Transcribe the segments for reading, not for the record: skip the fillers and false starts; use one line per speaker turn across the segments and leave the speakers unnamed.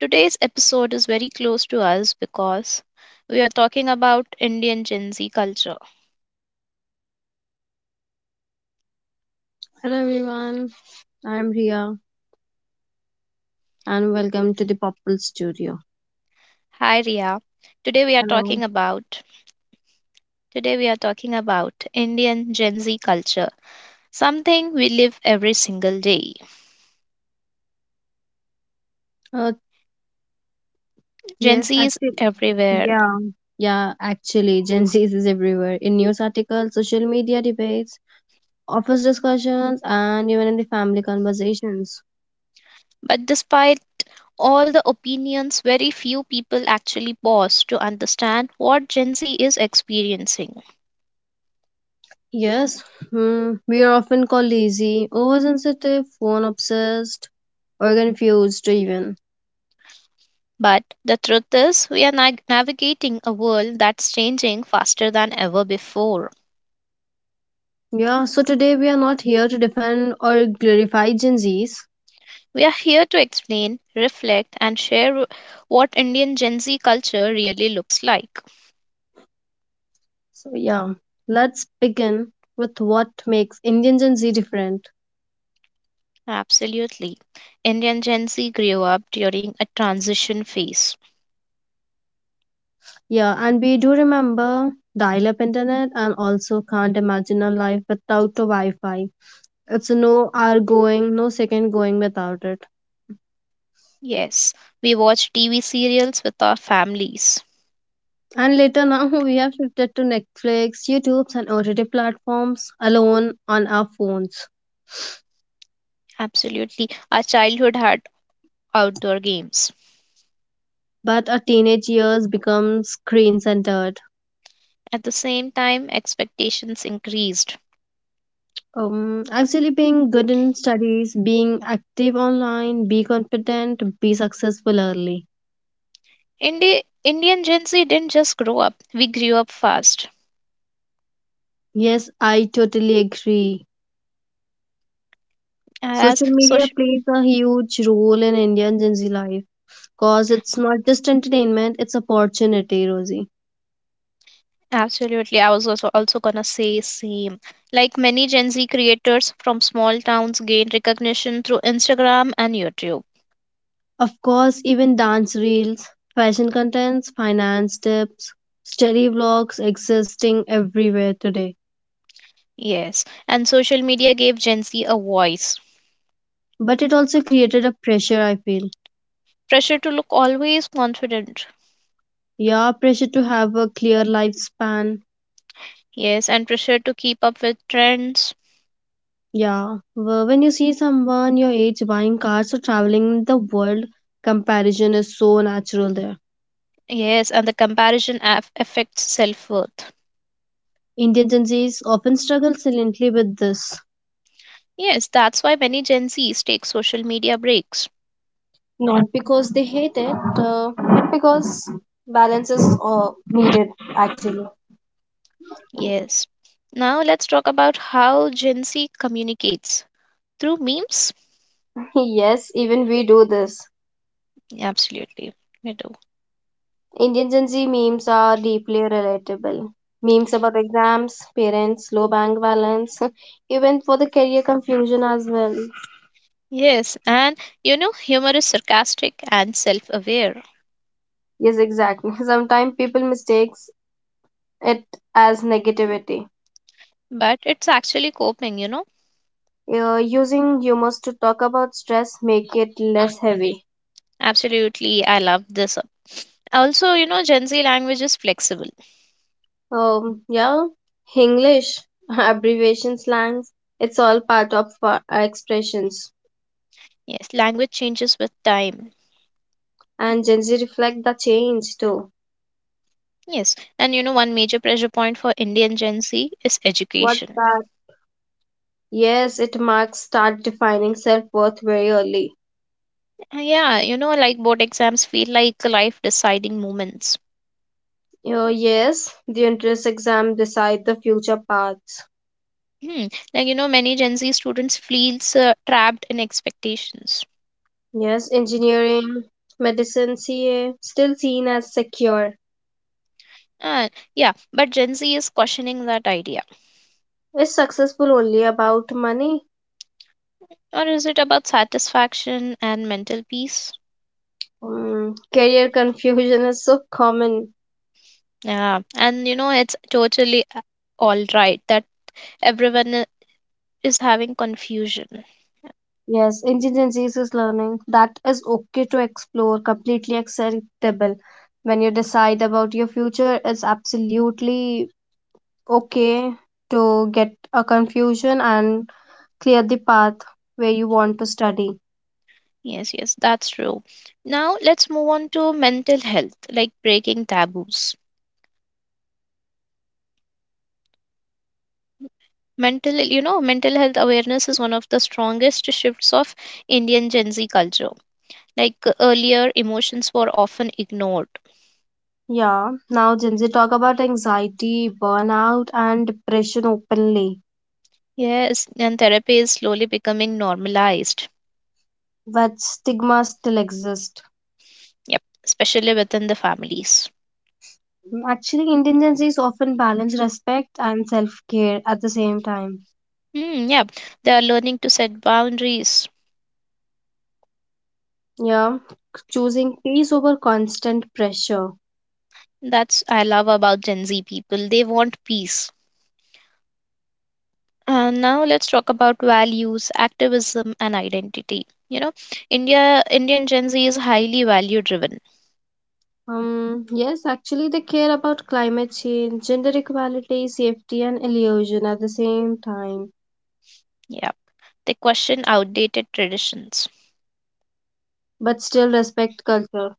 Today's episode is very close to us because we are talking about Indian Gen Z culture.
Hello everyone, I'm Ria and welcome to the Popple Studio.
Hi Ria. Today we are
Hello.
talking about Indian Gen Z culture, something we live every single day.
Uh,
Gen
yes,
Z is
actually,
everywhere,
yeah, yeah, actually, Gen Z is everywhere in news articles, social media debates, office discussions, and even in the family conversations.
but despite all the opinions, very few people actually pause to understand what Gen Z is experiencing.
Yes, we are often called lazy, oversensitive, phone obsessed, or confused even.
But the truth is, we are nag navigating a world that's changing faster than ever before.
Yeah, so today we are not here to defend or glorify Gen Zs.
We are here to explain, reflect, and share what Indian Gen Z culture really looks like.
So, yeah, let's begin with what makes Indian Gen Z different.
Absolutely. Indian Gen Z grew up during a transition phase.
Yeah, and we do remember dial up internet and also can't imagine a life without a Wi Fi. It's no hour going, no second going without it.
Yes, we watched TV serials with our families.
And later now we have shifted to Netflix, YouTube, and OTT platforms alone on our phones.
Absolutely. Our childhood had outdoor games.
But our teenage years become screen centered.
At the same time, expectations increased.
Actually, being good in studies, being active online, be confident, be successful early.
Indian Gen Z didn't just grow up; we grew up fast.
Yes, I totally agree.
As
Social media
social,
plays a huge role in Indian Gen Z life because it's not just entertainment, it's opportunity, Rosie.
absolutely, I was also gonna say same. Like many Gen Z creators from small towns gained recognition through Instagram and YouTube.
Of course, even dance reels, fashion contents, finance tips, study vlogs existing everywhere today.
Yes, and social media gave Gen Z a voice.
But it also created a pressure, I feel.
Pressure to look always confident.
Yeah, pressure to have a clear lifespan.
Yes, and pressure to keep up with trends.
Yeah, when you see someone your age buying cars or traveling the world, comparison is so natural there.
Yes, and the comparison affects self worth.
Indian Gen Zs often struggle silently with this.
Yes, that's why many Gen Zs take social media breaks.
Not because they hate it, but because balance is needed actually.
Yes. Now let's talk about how Gen Z communicates through memes.
Yes, even we do this.
Absolutely, we do.
Indian Gen Z memes are deeply relatable. Memes about exams, parents, low bank balance, even for the career confusion as well.
Yes, and you know, humor is sarcastic and self aware,
Yes, exactly. Sometimes people mistakes it as negativity.
but it's actually coping, you know.
Using humors to talk about stress make it less heavy.
Absolutely, I love this. Also, you know, Gen Z language is flexible.
Yeah, English abbreviation slangs. It's all part of our expressions,
Yes, language changes with time.
and Gen Z reflect the change too.
Yes, and you know, one major pressure point for Indian Gen Z is
What
education.
that? Yes, it marks start defining self worth very early.
Yeah, you know, like board exams feel like life deciding moments.
Oh yes, the entrance exam decide the future paths.
Hmm. Like, you know, many Gen Z students feels trapped in expectations.
Yes, engineering, medicine, CA, still seen as secure.
Uh, yeah, but Gen Z is questioning that idea.
Is successful only about money?
Or is it about satisfaction and mental peace?
Career confusion is so common.
Yeah, and you know, it's totally all right that everyone is having confusion.
Yes, intelligence is learning. That is okay to explore, completely acceptable. When you decide about your future, it's absolutely okay to get a confusion and clear the path where you want to study.
Yes, yes, that's true. Now let's move on to mental health, like breaking taboos. Mental health awareness is one of the strongest shifts of Indian Gen Z culture. Like earlier, emotions were often ignored.
Yeah, now Gen Z talk about anxiety, burnout, and depression openly,
Yes, and therapy is slowly becoming normalized.
but stigma still exists.
Yep, especially within the families.
Actually, Indian is often balance respect and self care at the same time.
Hmm, yeah, they are learning to set boundaries.
Yeah, choosing peace over constant pressure.
That's I love about Gen Z people. They want peace. And now let's talk about values, activism, and identity. You know, Indian Gen Z is highly value driven.
Yes, actually, they care about climate change, gender equality, safety, and illusion at the same time,
Yeah, they question outdated traditions.
but still respect culture.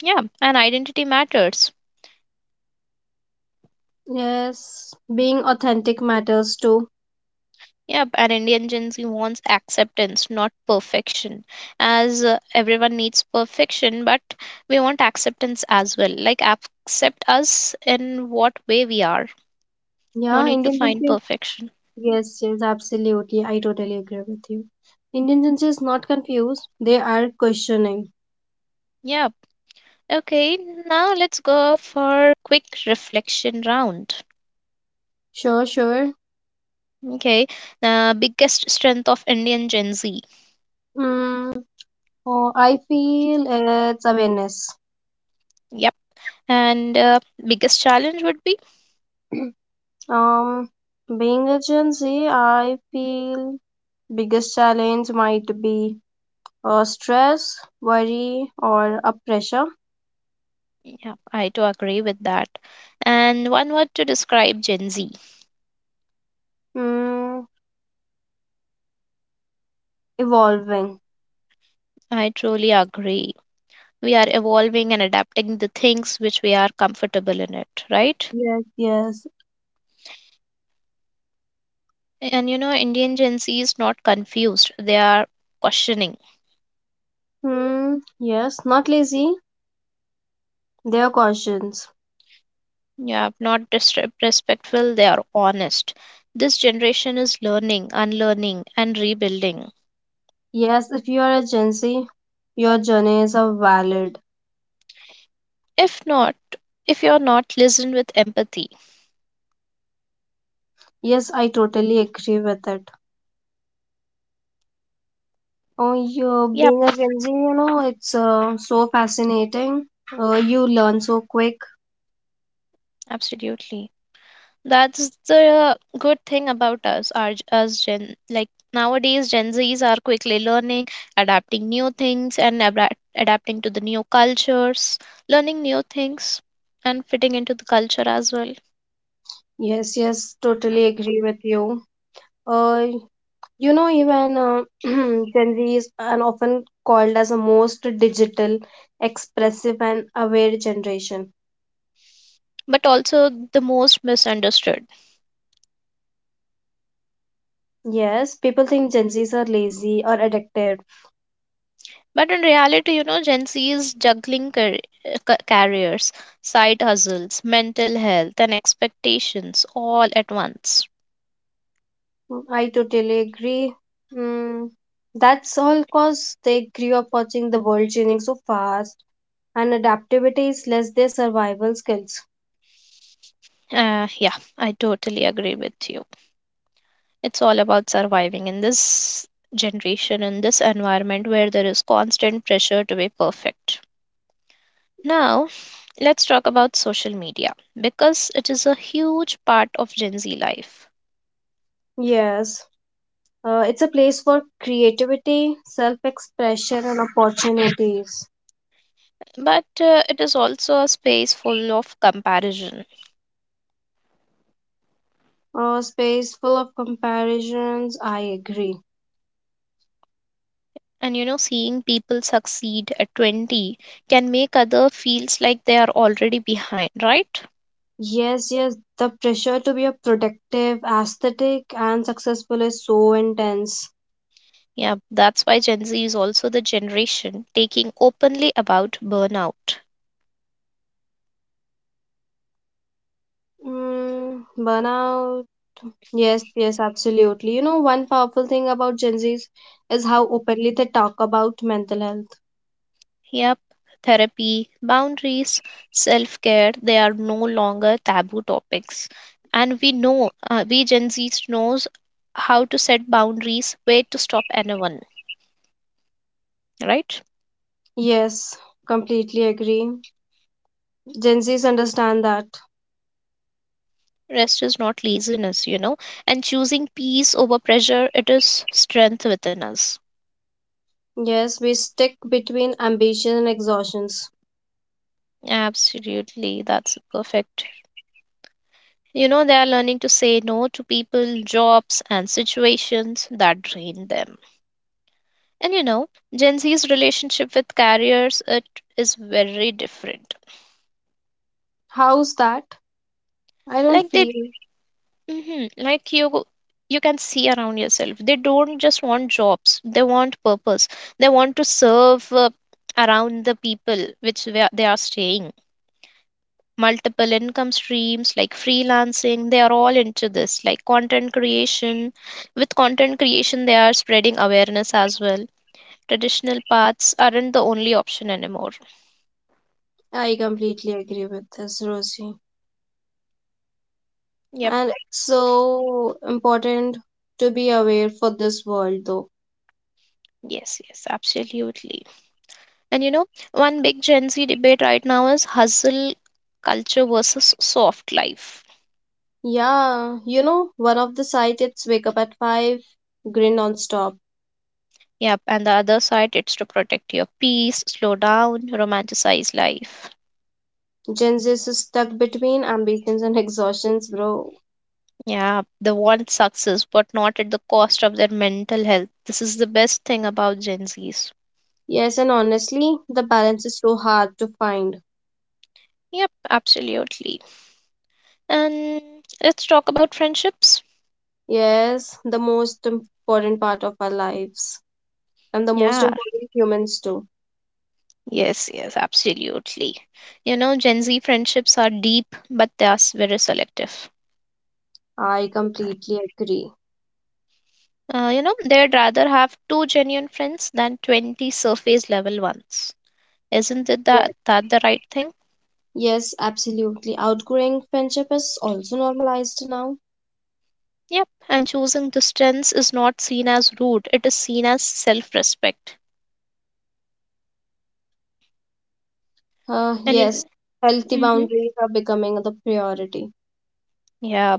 Yeah, and identity matters.
Yes, being authentic matters too.
Yep, and Indian Gen Z wants acceptance, not perfection. As everyone needs perfection, but we want acceptance as well. Like, accept us in what way we are. No
Yeah,
need to
Indian
find
is.
perfection.
Yes, yes, absolutely. I totally agree with you. Indian is not confused, they are questioning.
Yep. Okay, now let's go for quick reflection round.
Sure, sure.
Okay, biggest strength of Indian Gen Z.
Mm, oh, I feel it's awareness.
Yep. And biggest challenge would be?
Um, Being a Gen Z, I feel biggest challenge might be stress, worry, or a pressure.
Yep, I do agree with that. And one word to describe Gen Z.
Mm, Evolving.
I truly agree. We are evolving and adapting the things which we are comfortable in it, right?
Yes, yes.
And you know, Indian Gen Z is not confused. They are questioning.
Mm, yes, not lazy. They are conscious.
Yeah, not disrespectful. They are honest. This generation is learning, unlearning, and rebuilding.
Yes, if you are a Gen Z, your journey is a valid.
If not, if you're not listened with empathy.
Yes, I totally agree with it. Oh, you
Yep,
being a Gen Z, it's so fascinating. You learn so quick.
absolutely. That's the good thing about us Gen. Like nowadays, Gen Zs are quickly learning, adapting new things, and adapting to the new cultures, learning new things, and fitting into the culture as well.
Yes, yes, totally agree with you. Uh, Even Gen Z is an often called as a most digital, expressive, and aware generation.
But also the most misunderstood.
Yes, people think Gen Zs are lazy or addicted.
But in reality, you know, Gen Z is juggling careers, side hustles, mental health, and expectations all at once.
I totally agree. Mm, that's all because they grew up watching the world changing so fast and adaptability is less their survival skills.
Yeah, I totally agree with you. It's all about surviving in this generation, in this environment where there is constant pressure to be perfect. Now, let's talk about social media because it is a huge part of Gen Z life.
Yes, it's a place for creativity, self expression, and opportunities.
But it is also a space full of comparison.
A space full of comparisons, I agree.
And you know, seeing people succeed at 20 can make other feels like they are already behind, right?
Yes, yes, the pressure to be a productive, aesthetic, and successful is so intense.
Yeah, that's why Gen Z is also the generation taking openly about burnout.
Burnout. Yes, yes, absolutely. One powerful thing about Gen Zs is how openly they talk about mental health.
Yep, therapy, boundaries, self care, they are no longer taboo topics. And we know, we Gen Z knows how to set boundaries, where to stop anyone, right?
Yes, completely agree. Gen Zs understand that.
Rest is not laziness, you know, and choosing peace over pressure, it is strength within us.
Yes, we stick between ambition and exhaustions.
Absolutely, that's perfect. You know, they are learning to say no to people, jobs, and situations that drain them. And you know, Gen Z's relationship with carriers it is very different.
How's that? I don't
Like they,
feel.
mhm, like you can see around yourself. They don't just want jobs; they want purpose. They want to serve around the people which they are staying. Multiple income streams like freelancing, they are all into this. Like content creation, with content creation, they are spreading awareness as well. Traditional paths aren't the only option anymore.
I completely agree with this, Rosie.
Yeah.
And it's so important to be aware for this world though.
Yes, yes, absolutely. And you know, one big Gen Z debate right now is hustle culture versus soft life.
Yeah, one of the site it's wake up at five, grin non stop.
Yep, and the other side, it's to protect your peace, slow down, romanticize life.
Gen Z is stuck between ambitions and exhaustions, bro.
Yeah, they want success, but not at the cost of their mental health. This is the best thing about Gen Zs.
Yes, and honestly, the balance is so hard to find.
Yep, absolutely. And let's talk about friendships.
Yes, the most important part of our lives and the most
Yeah,
important humans do.
yes, yes, absolutely. You know, Gen Z friendships are deep, but they are very selective.
I completely agree.
You know, they'd rather have two genuine friends than 20 surface level ones. Isn't it
Yes.
that the right thing?
Yes, absolutely. Outgrowing friendship is also normalized now.
Yep, and choosing distance is not seen as rude, it is seen as self respect. And you,
Yes, healthy
mm-hmm,
boundaries are becoming the priority.
yeah,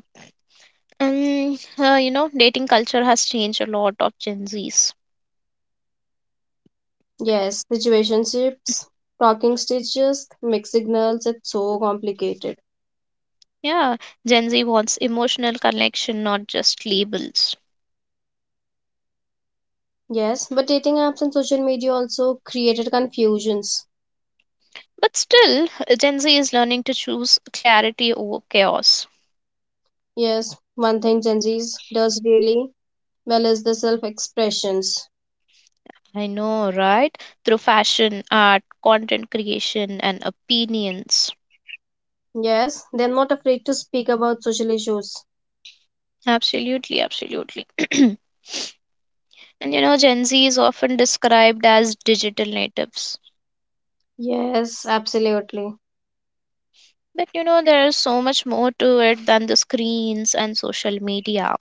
and you know, dating culture has changed a lot of Gen Zs.
Yes, situationships, talking stages, mixed signals, it's so complicated.
Yeah, Gen Z wants emotional connection, not just labels.
Yes, but dating apps and social media also created confusions.
But still, Gen Z is learning to choose clarity over chaos.
Yes, one thing Gen Zs does really well as the self expressions.
I know, right? Through fashion, art, content creation, and opinions.
Yes, they're not afraid to speak about social issues.
Absolutely, absolutely. And you know, Gen Z is often described as digital natives.
Yes, absolutely.
But you know, there is so much more to it than the screens and social media.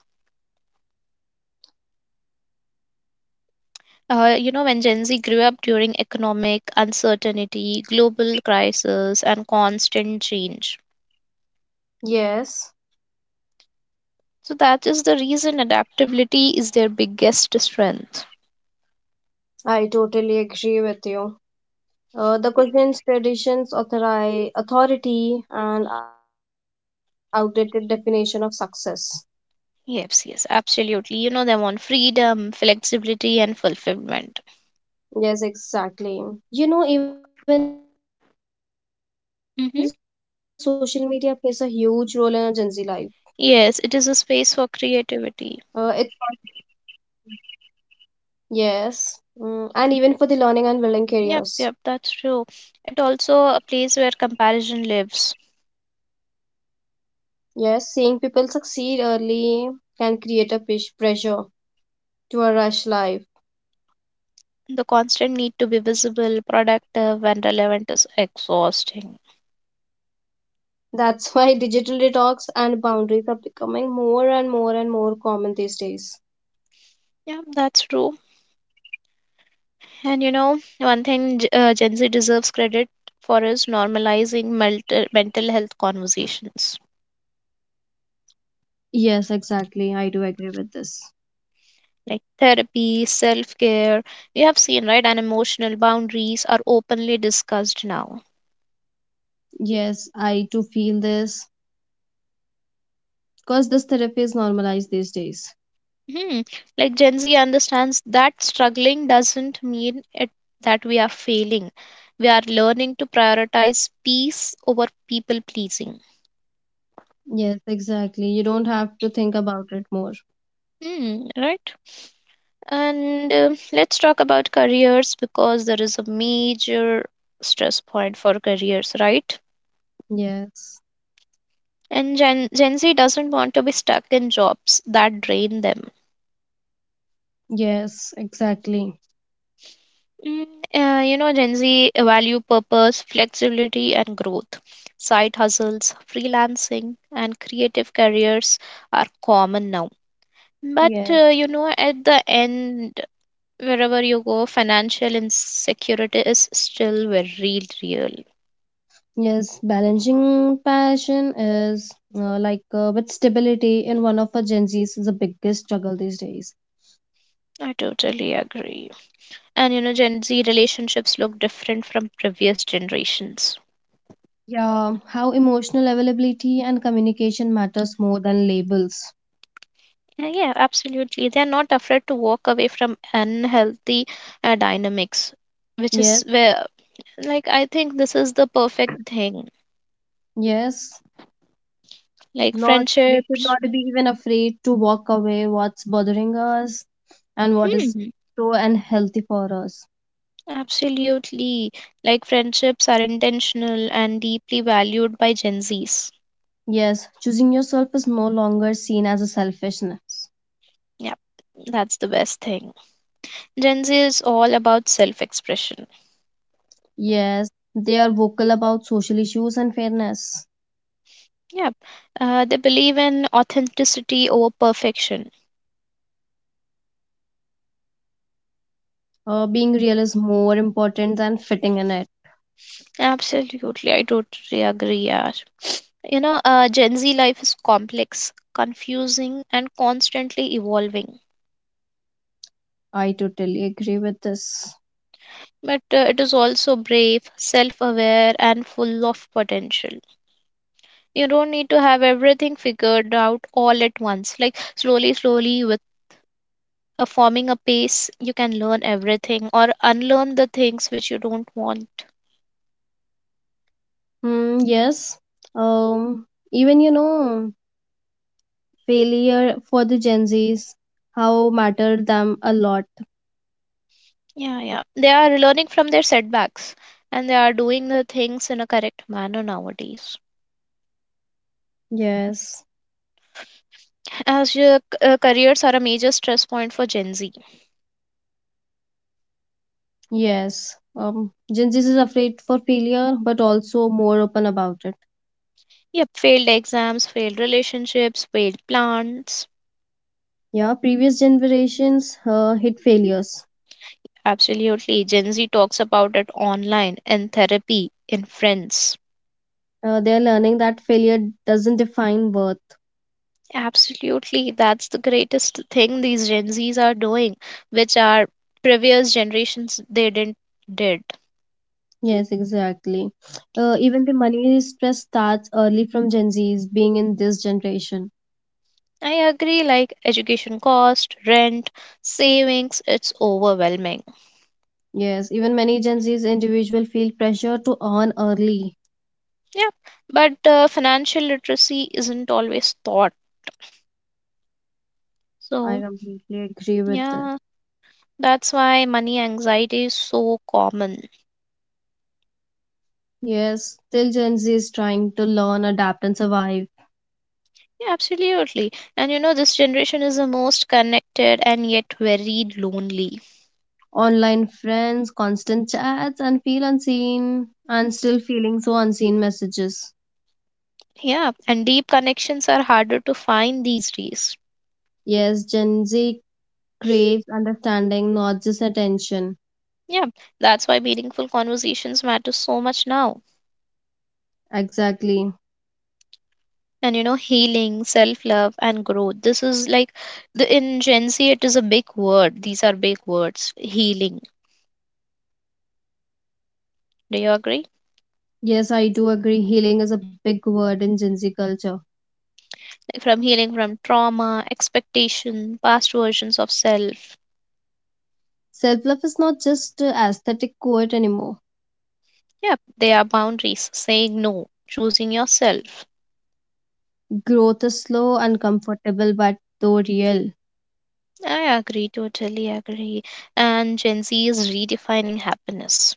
You know, when Gen Z grew up during economic uncertainty, global crisis, and constant change.
Yes,
So that is the reason adaptability is their biggest strength.
I totally agree with you. The questions, traditions, authority, and outdated definition of success.
Yes, yes, absolutely. You know, they want freedom, flexibility, and fulfillment.
Yes, exactly. Even the social media plays a huge role in our Gen Z
Mm-hmm.
life.
Yes, it
It
is a space for creativity.
yes, and even for the learning and building careers.
Yep, yep, that's true. It also a place where comparison lives.
Yes, seeing people succeed early can create a pressure to a rush life.
The constant need to be visible, productive, and relevant is exhausting.
That's why digital detox and boundaries are becoming more and more and more common these days.
Yeah, that's true. And you know, one thing Gen Z deserves credit for is normalizing mental health conversations.
Yes, exactly. I do agree with this.
Like therapy, self care, we have seen, right? And emotional boundaries are openly discussed now.
Yes, I too feel this because this therapy is normalized these days.
Hmm. Like Gen Z understands that struggling doesn't mean that we are failing. We are learning to prioritize peace over people pleasing.
Yes, exactly. You don't have to think about it more.
Hmm, right. And let's talk about careers because there is a major stress point for careers, right?
Yes,
And Gen Z doesn't want to be stuck in jobs that drain them.
yes, exactly.
Mm, you know, Gen Z value purpose, flexibility, and growth. Side hustles, freelancing, and creative careers are common now. But,
Yes,
you know, at the end, wherever you go, financial insecurity is still very real.
yes. Balancing passion is like with stability in one of our Gen Z's is the biggest struggle these days.
I totally agree. And, you know, Gen Z relationships look different from previous generations.
Yeah, how emotional availability and communication matters more than labels.
Yeah, yeah, absolutely. They're not afraid to walk away from unhealthy dynamics which
Yes,
is where like I think this is the perfect thing.
yes.
Like
Not we should
friendships,
not be even afraid to walk away what's bothering us and what is
hmm,
so unhealthy for us.
absolutely. Like friendships are intentional and deeply valued by Gen Zs.
Yes, choosing yourself is no longer seen as a selfishness.
Yep, that's the best thing. Gen Z is all about self-expression.
Yes, they are vocal about social issues and fairness.
Yep, they believe in authenticity over perfection.
Being real is more important than fitting in it.
Absolutely, I totally agree, yeah. You know, Gen Z life is complex, confusing, and constantly evolving,
I totally agree with this.
but it is also brave, self aware, and full of potential. You don't need to have everything figured out all at once. Like, slowly, slowly, with a forming a pace, you can learn everything or unlearn the things which you don't want.
Mm, yes. Um, Even failure for the Gen Zs, how matter them a lot.
Yeah, yeah. They are learning from their setbacks and they are doing the things in a correct manner nowadays.
Yes.
As your careers are a major stress point for Gen Z.
Yes. Gen Z is afraid for failure, but also more open about it.
Yep, failed exams, failed relationships, failed plans.
Yeah, previous generations hit failures.
Absolutely. Gen Z talks about it online, in therapy, in friends.
They're learning that failure doesn't define worth.
Absolutely. That's the greatest thing these Gen Zs are doing, which our previous generations they didn't did.
Yes, exactly. Even the money stress starts early from Gen Zs being in this generation.
I agree, like education cost, rent, savings, it's overwhelming.
Yes, even many Gen Z's individual feel pressure to earn early.
Yeah. But financial literacy isn't always taught.
I
So,
completely agree with this.
yeah, that's why money anxiety is so common.
Yes, still Gen Z is trying to learn, adapt, and survive.
Yeah, absolutely. And you know, this generation is the most connected and yet very lonely.
Online friends, constant chats, and feel unseen, and still feeling so unseen messages.
Yeah, and deep connections are harder to find these days.
Yes, Gen Z craves understanding, not just attention.
Yeah, that's why meaningful conversations matter so much now.
Exactly.
And you know, healing, self love, and growth. This is like the in Gen Z, it is a big word. These are big words. Healing. Do you agree?
Yes, I do agree. Healing is a big word in Gen Z culture.
Like, from healing from trauma, expectation, past versions of self.
Self love is not just a aesthetic quote anymore.
Yeah, they are boundaries, saying no, choosing yourself.
Growth is slow, uncomfortable, but though real.
I agree, totally agree. And Gen Z is redefining happiness.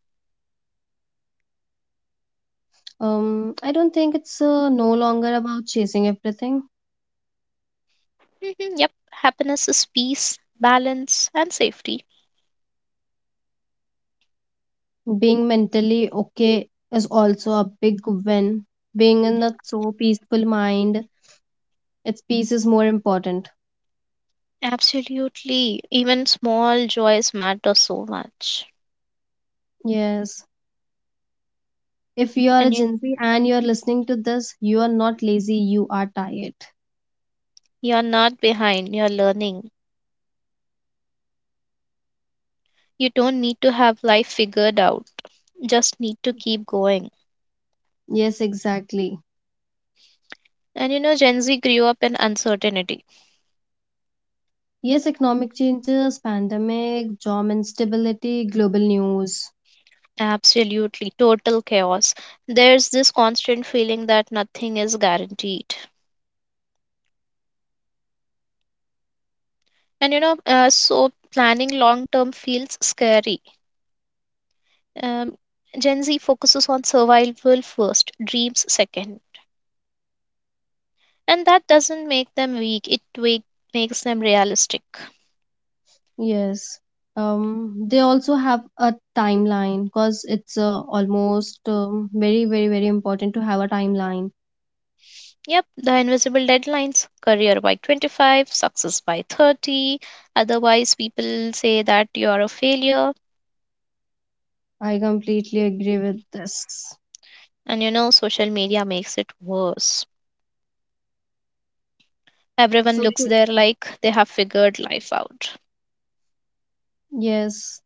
I don't think it's no longer about chasing everything.
Mhm, yep, happiness is peace, balance, and safety.
Being mentally okay is also a big win. Being in that so peaceful mind, its peace is more important.
Absolutely. Even small joys matter so much.
Yes. If you are a
And you,
Gen Z and you are listening to this, you are not lazy, you are tired.
you're not behind, you're learning. You don't need to have life figured out, just need to keep going.
Yes, exactly.
And you know, Gen Z grew up in uncertainty.
Yes, economic changes, pandemic, job instability, global news.
Absolutely, total chaos. There's this constant feeling that nothing is guaranteed. And you know, so planning long term feels scary. Um, Gen Z focuses on survival first, dreams second. And that doesn't make them weak, makes them realistic.
Yes. They also have a timeline because it's almost very, very, very important to have a timeline.
Yep, the invisible deadlines, career by 25, success by 30. Otherwise, people say that you are a failure.
I completely agree with this.
And you know, social media makes it worse. Everyone looks
Social.
there like they have figured life out.
Yes.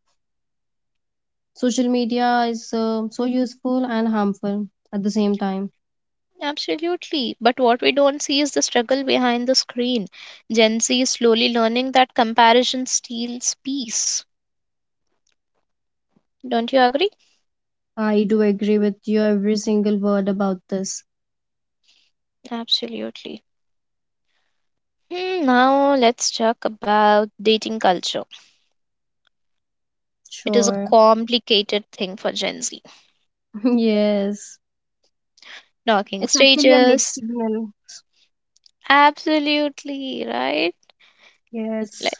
Social media is so useful and harmful at the same time.
Absolutely. But what we don't see is the struggle behind the screen. Gen Z is slowly learning that comparison steals peace. Don't you agree?
I do agree with you every single word about this.
Absolutely. Hmm, now let's talk about dating culture. It is a
Sure.
complicated thing for Gen Z.
Yes.
Talking
It's actually a mixed
stages.
signal.
Absolutely, right? Like
Yes.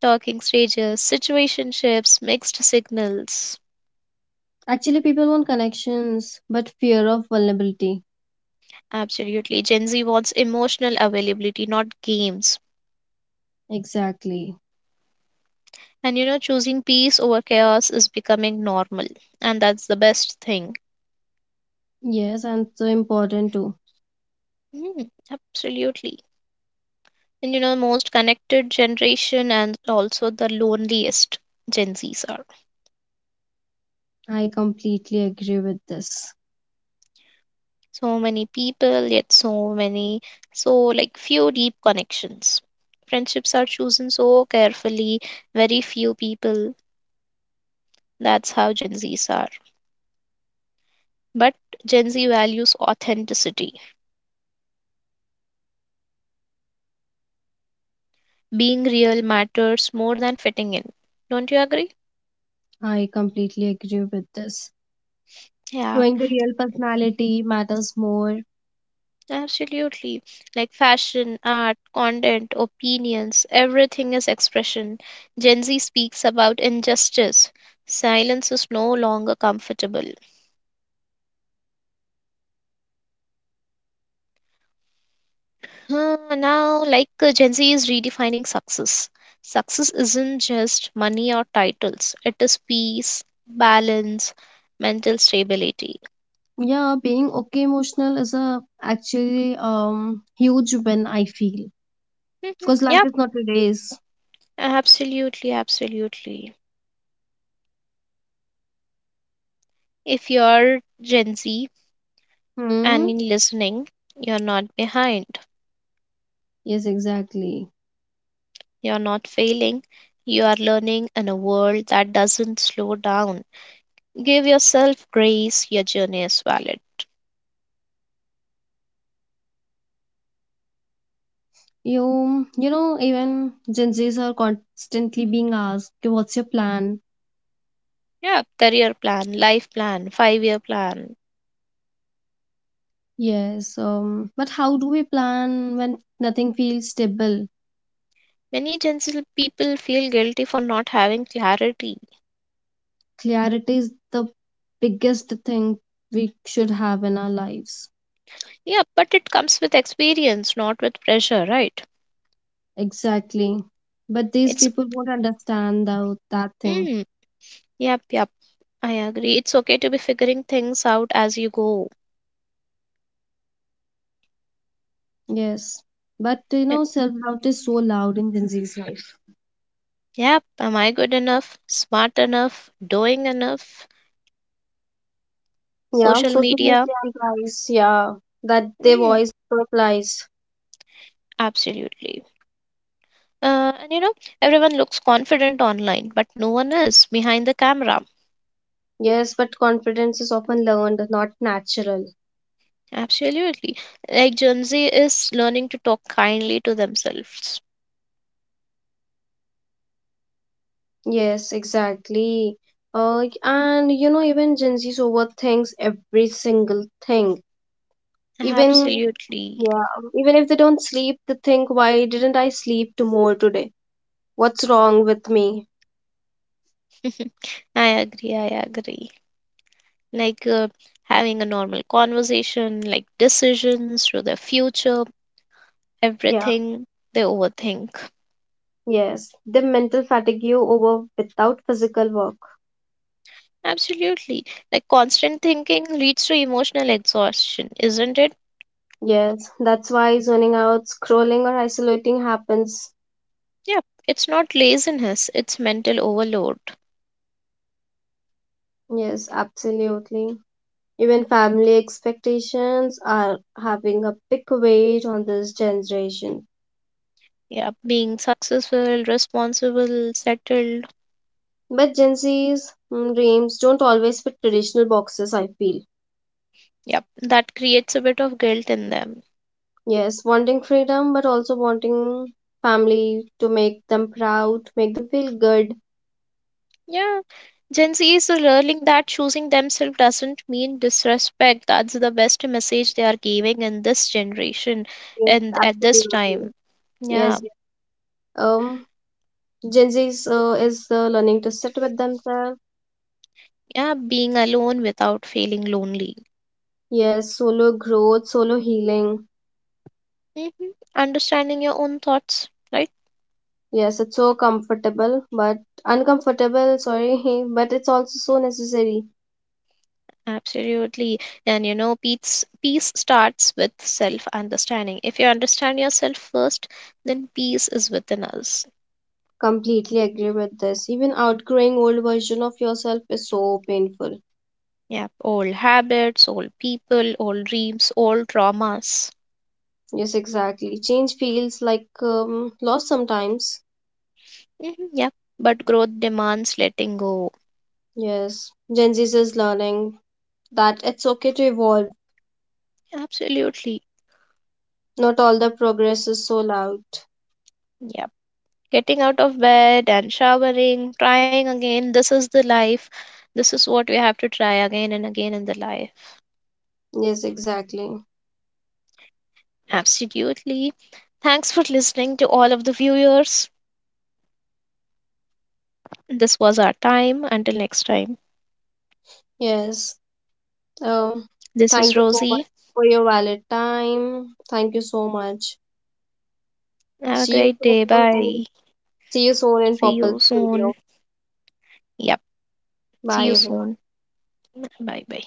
talking stages, situationships, mixed signals.
Actually, people want connections, but fear of vulnerability.
Absolutely. Gen Z wants emotional availability, not games.
Exactly.
And you know, choosing peace over chaos is becoming normal, and that's the best thing.
Yes, and so important too.
Mm, absolutely. And you know, most connected generation and also the loneliest Gen Zs are.
I completely agree with this.
So many people, yet so many, so like few deep connections. Friendships are chosen so carefully, very few people. That's how Gen Zs are. But Gen Z values authenticity. Being real matters more than fitting in. Don't you agree?
I completely agree with this.
Yeah.
Showing the real personality matters more.
Absolutely. Like fashion, art, content, opinions, everything is expression. Gen Z speaks about injustice. Silence is no longer comfortable. Huh, now, Gen Z is redefining success. Success isn't just money or titles, it is peace, balance, mental stability.
Yeah, being okay emotional is a actually huge win I feel.
Mhm.
Because life
Yeah,
is not a race.
absolutely, absolutely. If you're Gen Z
Hmm.
and listening, you're not behind.
Yes, exactly.
You're not failing. You are learning in a world that doesn't slow down. Give yourself grace. Your journey is valid.
You know even Gen Zs are constantly being asked, "Okay, what's your plan?"
Yeah, career plan, life plan, 5 year plan.
Yes. But how do we plan when nothing feels stable?
Many Gen Z people feel guilty for not having clarity.
Clarity is the biggest thing we should have in our lives.
Yeah, but it comes with experience, not with pressure, right?
Exactly. But these
It's,
people won't understand that thing.
mm, yep, yep, I agree. It's okay to be figuring things out as you go.
Yes. But
Yeah.
self doubt is so loud in Gen Z's life.
Yep, am I good enough, smart enough, doing enough,
Yeah,
social
social
media?
media implies, yeah, that their
Mm,
voice replies.
absolutely. And you know, everyone looks confident online, but no one is behind the camera.
Yes, but confidence is often learned, not natural.
Absolutely. Like Gen Z is learning to talk kindly to themselves.
Yes, exactly. And even Gen Z's overthinks every single thing. Even
Absolutely.
Yeah, even if they don't sleep, they think, why didn't I sleep to more today? What's wrong with me?
I agree. I agree. Like uh, having a normal conversation, like decisions to the future,
Yeah,
everything they overthink.
yes. The mental fatigue you over without physical work.
Absolutely. Like constant thinking leads to emotional exhaustion, isn't it?
Yes, that's why zoning out, scrolling, or isolating happens.
Yep, it's not laziness, it's mental overload.
Yes, absolutely. Even family expectations are having a big weight on this generation.
Yep, being successful, responsible, settled.
But Gen Z's dreams don't always fit traditional boxes, I feel.
Yep, that creates a bit of guilt in them.
Yes, wanting freedom, but also wanting family to make them proud, make them feel good.
Yeah, Gen Z is learning that choosing themselves doesn't mean disrespect. That's the best message they are giving in this generation
Yes,
and at this
absolutely.
time. Yeah,
Yes. Um, Gen Zs is learning to sit with themselves.
yeah, being alone without feeling lonely.
Yes, solo growth, solo healing.
Hmm. Understanding your own thoughts, right?
Yes, it's so comfortable, but uncomfortable, sorry, but it's also so necessary.
Absolutely. And you know, peace starts with self-understanding. If you understand yourself first, then peace is within us.
Completely agree with this. Even outgrowing old version of yourself is so painful.
Yeah, old habits, old people, old dreams, old traumas.
Yes, exactly. Change feels like loss sometimes.
Mm-hmm, yep. But growth demands letting go.
Yes, Gen Z is learning that it's okay to evolve.
Absolutely.
Not all the progress is so loud.
Yep. Getting out of bed and showering, trying again. This is the life. This is what we have to try again and again in the life.
Yes, exactly.
Absolutely. Thanks for listening to all of the viewers. This was our time. Until next time,
Yes. Um,
this
Thank
is
you so much
Rosie.
for your valid time. Thank you so much.
Have a
See you
great day.
soon in,
Bye.
see you soon in
See
Purple
you soon.
Video.
Yep. See
Bye
you
everyone.
soon. Bye bye.